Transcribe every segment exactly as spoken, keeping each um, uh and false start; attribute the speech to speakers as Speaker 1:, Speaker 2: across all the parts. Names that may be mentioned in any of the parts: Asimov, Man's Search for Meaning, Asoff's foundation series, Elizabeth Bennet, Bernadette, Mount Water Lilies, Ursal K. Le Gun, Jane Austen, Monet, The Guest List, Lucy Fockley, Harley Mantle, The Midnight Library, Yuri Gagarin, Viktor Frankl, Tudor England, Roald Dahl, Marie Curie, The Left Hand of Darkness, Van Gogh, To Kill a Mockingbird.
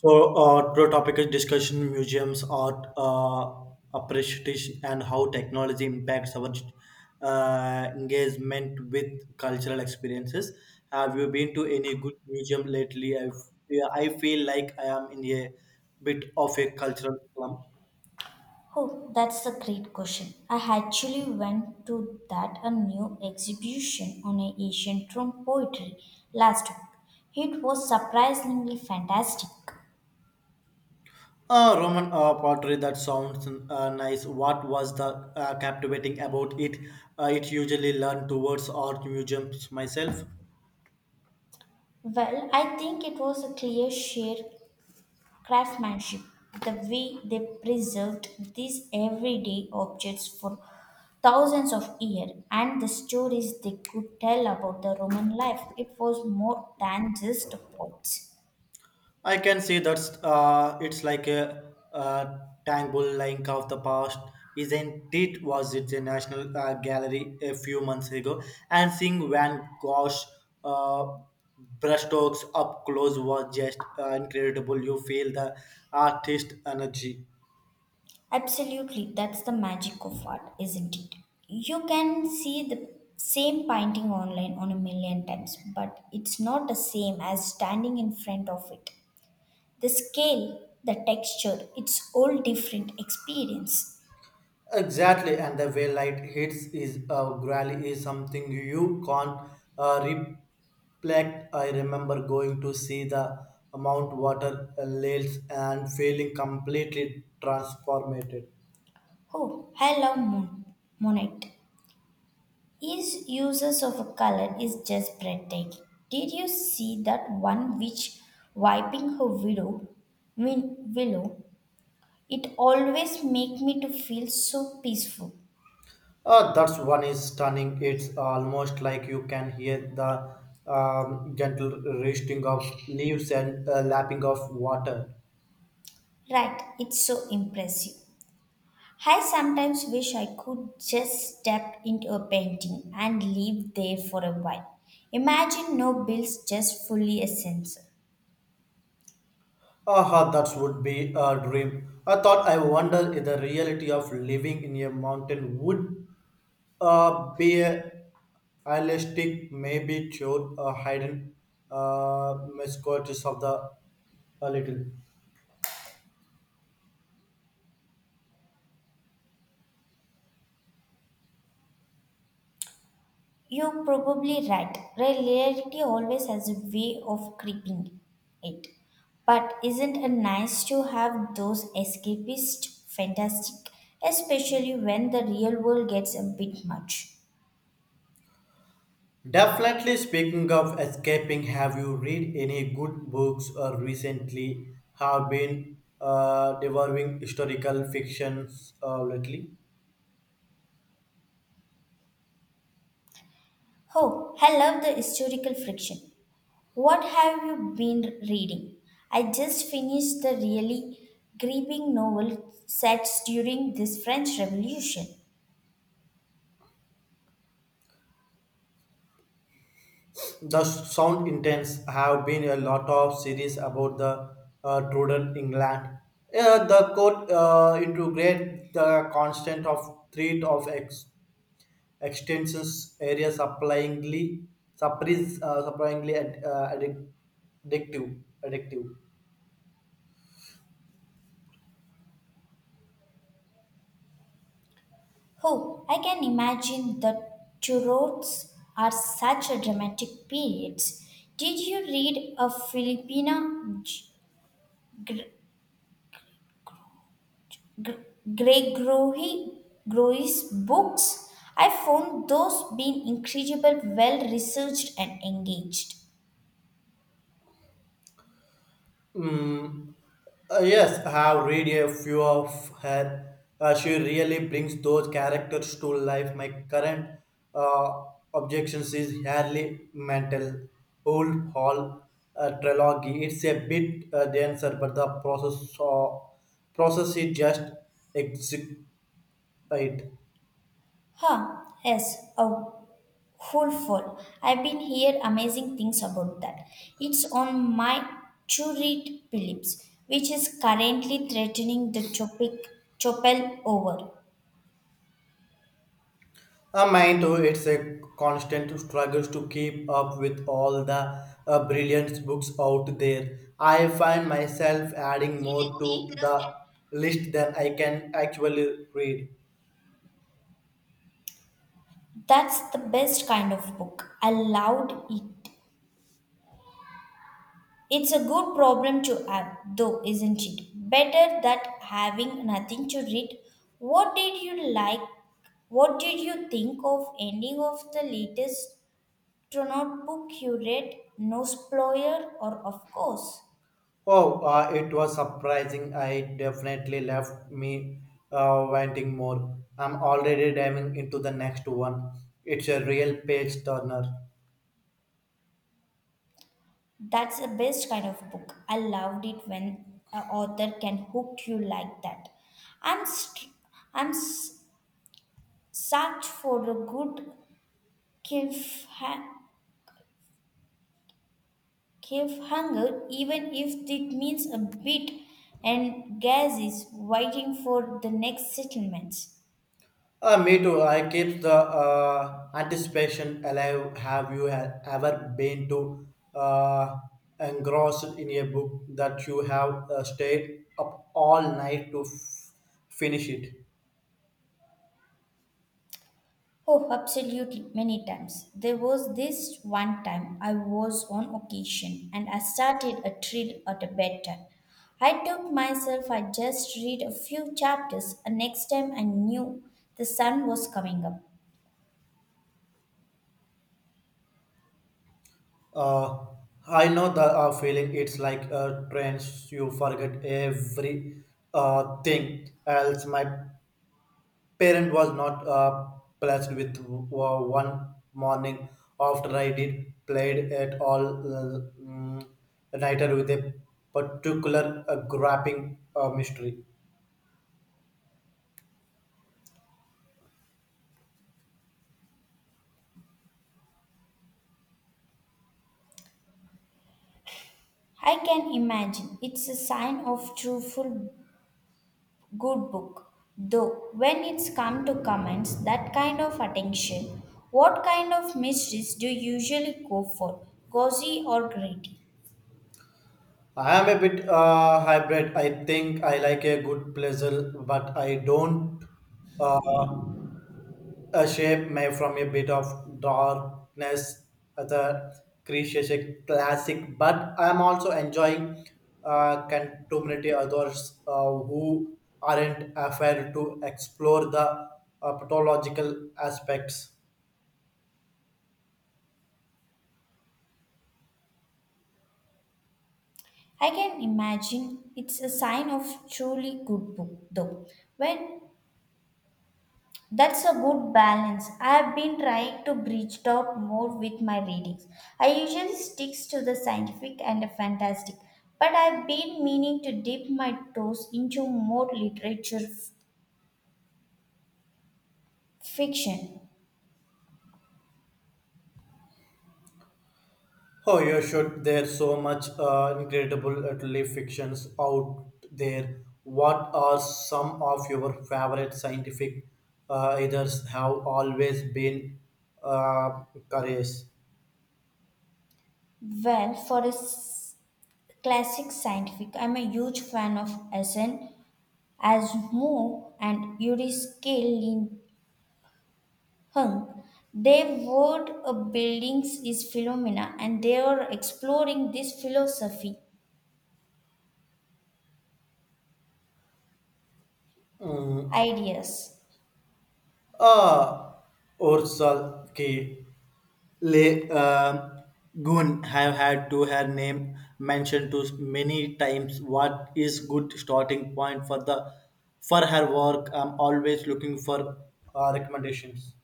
Speaker 1: So, uh, today topic is discussion museums, art uh, appreciation, and how technology impacts our uh, engagement with cultural experiences. Have you been to any good museum lately? I f- I feel like I am in a bit of a cultural slump.
Speaker 2: Oh, that's a great question. I actually went to that a new exhibition on a ancient Rome poetry last week. It was surprisingly fantastic.
Speaker 1: Uh, Roman uh, pottery, that sounds uh, nice. What was the uh, captivating about it? Uh, it usually learn towards art museums myself.
Speaker 2: Well, I think it was a clear sheer craftsmanship, the way they preserved these everyday objects for thousands of years and the stories they could tell about the Roman life. It was more than just a poets.
Speaker 1: I can see that's uh, it's like a, a tangle link of the past, isn't it? Was it the National uh, Gallery a few months ago? And seeing Van Gogh's uh, brushstrokes up close was just uh, incredible. You feel the artist energy.
Speaker 2: Absolutely, that's the magic of art, isn't it? You can see the same painting online on a million times, but it's not the same as standing in front of it. The scale, the texture, it's all different experience.
Speaker 1: Exactly, and the way light hits is uh, gradually is something you can't uh, reflect. I remember going to see the Mount Water Lilies and feeling completely transformed.
Speaker 2: Oh, I love Mon- Monet. His uses of a color is just breathtaking. Did you see that one which wiping her widow, win- willow. It always make me to feel so peaceful.
Speaker 1: Uh, that's one is stunning. It's almost like you can hear the um, gentle rustling of leaves and uh, lapping of water.
Speaker 2: Right, it's so impressive. I sometimes wish I could just step into a painting and live there for a while. Imagine no bills, just fully a sensor.
Speaker 1: Aha, that would be a dream. I thought I wonder if the reality of living in a mountain would uh, be a realistic, maybe showed a hidden uh, misquotes of the a little.
Speaker 2: You're probably right. Reality always has a way of creeping it. But isn't it nice to have those escapist fantastic, especially when the real world gets a bit much?
Speaker 1: Definitely speaking of escaping, have you read any good books or recently have been uh, devouring historical fictions uh, lately?
Speaker 2: Oh, I love the historical fiction. What have you been reading? I just finished the really gripping novel set during this French Revolution.
Speaker 1: The sound intense have been a lot of series about the uh, Tudor England. Uh, the court uh, integrate the constant of threat of ex- extensions area surprisingly, surprise uh, surprisingly ad- uh, addic- addictive addictive.
Speaker 2: Oh, I can imagine the Turots are such a dramatic period. Did you read a Filipina G- G- Gregory Groy's books? I found those being incredibly well researched and engaged.
Speaker 1: Mm, Uh, yes, I have read a few of her. Uh, she really brings those characters to life. My current uh, objections is Harley Mantle, Old Hall uh, trilogy. It's a bit uh, denser, but the process uh, process is just execute it.
Speaker 2: Huh, yes, a Hopeful. I've been hear amazing things about that. It's on my to read Phillips, which is currently threatening the topic Chopel over.
Speaker 1: A mind too, it's a constant struggle to keep up with all the uh, brilliant books out there. I find myself adding more to the list than I can actually read.
Speaker 2: That's the best kind of book. I loved it. It's a good problem to have, though, isn't it? Better that having nothing to read. What did you like? What did you think of any of the latest? Do not book you read, no spoiler, or of course.
Speaker 1: Oh, uh, it was surprising. I definitely left me uh, wanting more. I'm already diving into the next one. It's a real page turner.
Speaker 2: That's the best kind of book. I loved it when a author can hook you like that. I'm st- I'm s- such for a good cliffha- cliffhanger, even if it means a bit and gas is waiting for the next settlements.
Speaker 1: Uh, me too. I keep the uh, anticipation alive. Have you e- ever been to uh, engrossed in a book that you have uh, stayed up all night to f- finish it?
Speaker 2: Oh, absolutely, many times. There was this one time I was on occasion and I started a thrill at a bedtime. I took myself, I just read a few chapters, and next time I knew the sun was coming up.
Speaker 1: Uh, I know the uh, feeling. It's like uh, trains. You forget every uh, thing else. My parent was not uh, pleased with w- one morning after I did played at all uh, mm, nighter with a particular uh, grappling uh, mystery.
Speaker 2: I can imagine it's a sign of truthful good book. Though when it's come to comments, that kind of attention, what kind of mysteries do you usually go for? Gauzy or greedy?
Speaker 1: I am a bit uh, hybrid. I think I like a good puzzle, but I don't uh, a shape made from a bit of darkness. The creature is a classic, but I am also enjoying uh, contemporary authors uh, who aren't afraid to explore the uh, pathological aspects.
Speaker 2: I can imagine it's a sign of truly good book though. When that's a good balance. I've been trying to bridge it out more with my readings. I usually sticks to the scientific and the fantastic, but I've been meaning to dip my toes into more literature f- fiction.
Speaker 1: Oh, you should. There's so much uh, incredible uh, literary fictions out there. What are some of your favorite scientific uh, authors have always been uh, curious?
Speaker 2: Well, for a s- classic scientific, I'm a huge fan of Asen Asimov and Yuri Gagarin. Hung. They word of buildings is phenomena and they are exploring this philosophy ideas.
Speaker 1: Ah, Ursal K. Le um Gun have had to her name mentioned to many times. What is good starting point for the for her work? I'm always looking for uh, recommendations.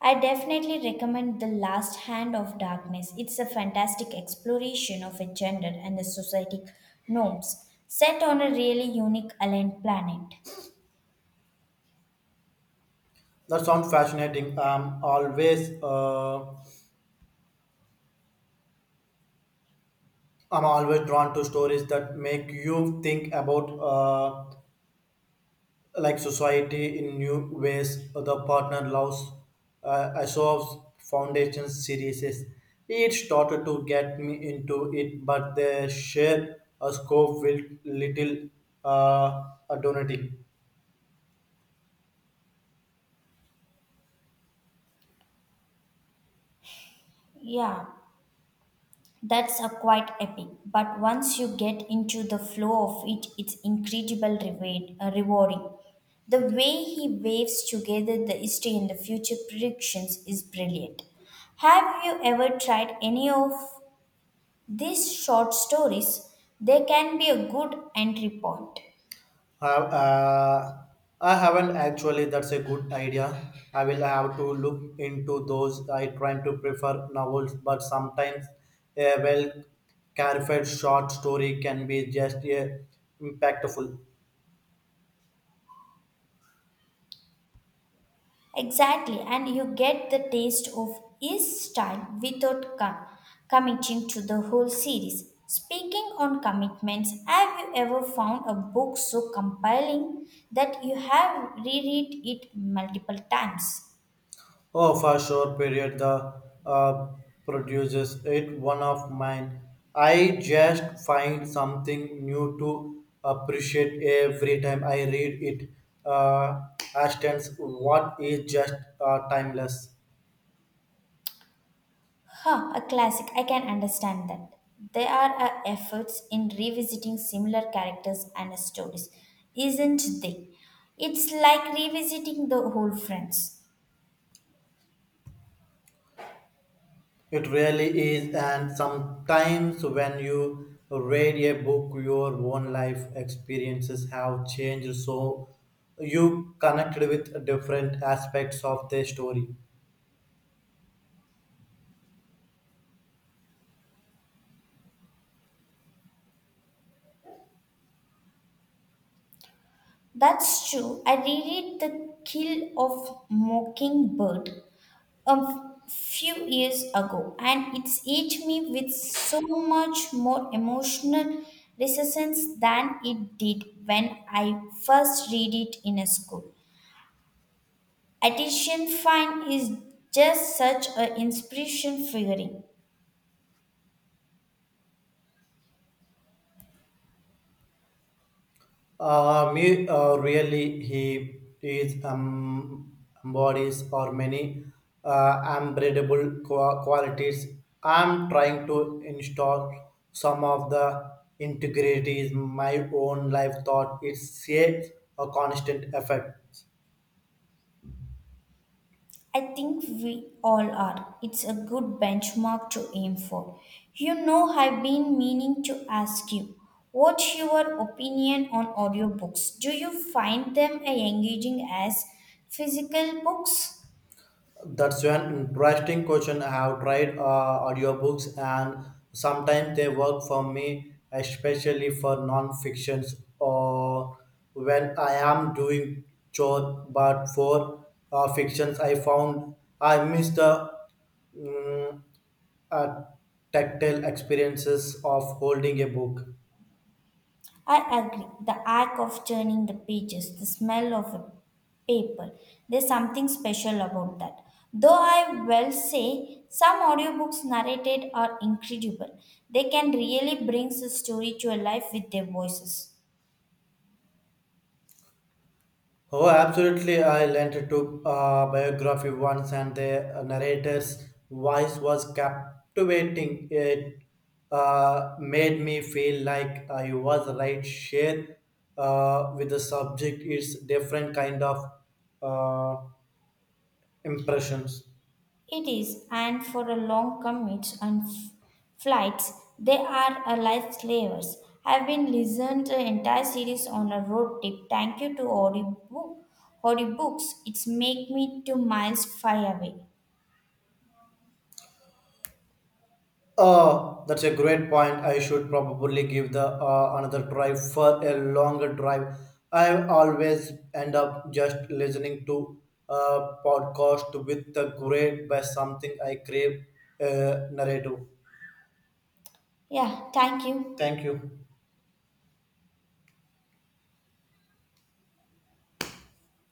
Speaker 2: I definitely recommend The Last Hand of Darkness. It's a fantastic exploration of a gender and the societic norms set on a really unique alien planet.
Speaker 1: That sounds fascinating. I'm always uh, I'm always drawn to stories that make you think about uh, like society in new ways the partner loves uh, Asoff's foundation series it started to get me into it but the share a scope with little uh, donating
Speaker 2: Yeah, that's a quite epic, but once you get into the flow of it, it's incredible reward, uh, rewarding. The way he waves together the history and the future predictions is brilliant. Have you ever tried any of these short stories? They can be a good entry point.
Speaker 1: have uh, I haven't actually. That's a good idea. I will have to look into those. I try to prefer novels, but sometimes a well careful short story can be just a impactful.
Speaker 2: Exactly, and you get the taste of his style without com- committing to the whole series. Speaking on commitments, have you ever found a book so compelling that you have reread it multiple times?
Speaker 1: Oh, for sure, period. The uh, produces it one of mine. I just find something new to appreciate every time I read it. Uh, Ashton's What is Just uh, Timeless.
Speaker 2: Huh, a classic. I can understand that. There are uh, efforts in revisiting similar characters and stories, isn't they? It's like revisiting the whole Friends.
Speaker 1: It really is, and sometimes when you read a book, your own life experiences have changed, so you connect with different aspects of the story.
Speaker 2: That's true. I reread The Kill of Mockingbird a f- few years ago, and it's hit me with so much more emotional resonance than it did when I first read it in a school. Attention Fine is just such an inspiration figuring.
Speaker 1: Uh, me, uh, really, he is um, embodies or many uh, unbreadable qua- qualities. I'm trying to install some of the integrity in my own life thought. It's a, a constant effort.
Speaker 2: I think we all are. It's a good benchmark to aim for. You know, I've been meaning to ask you, what's your opinion on audiobooks? Do you find them engaging as physical books?
Speaker 1: That's an interesting question. I have tried uh, audiobooks and sometimes they work for me, especially for non-fictions or when I am doing chore. But for uh, fictions, I found I miss the mm, uh, tactile experiences of holding a book.
Speaker 2: I agree. The act of turning the pages, the smell of a paper, there's something special about that. Though I will say some audiobooks narrated are incredible, they can really bring the story to a life with their voices.
Speaker 1: Oh, absolutely. I lent to a biography once, and the uh, narrator's voice was captivating. It uh, made me feel like I was right there uh, with the subject. It's different kind of uh, impressions.
Speaker 2: It is, and for a long commutes and f- flights, they are a lifesavers. I've been listened to entire series on a road trip. Thank you to audiobook, audiobooks. It's make me two miles far away.
Speaker 1: Uh, that's a great point. I should probably give the uh, another try for a longer drive. I always end up just listening to a podcast with the great by something I crave uh, narrative.
Speaker 2: Yeah, thank you.
Speaker 1: Thank you.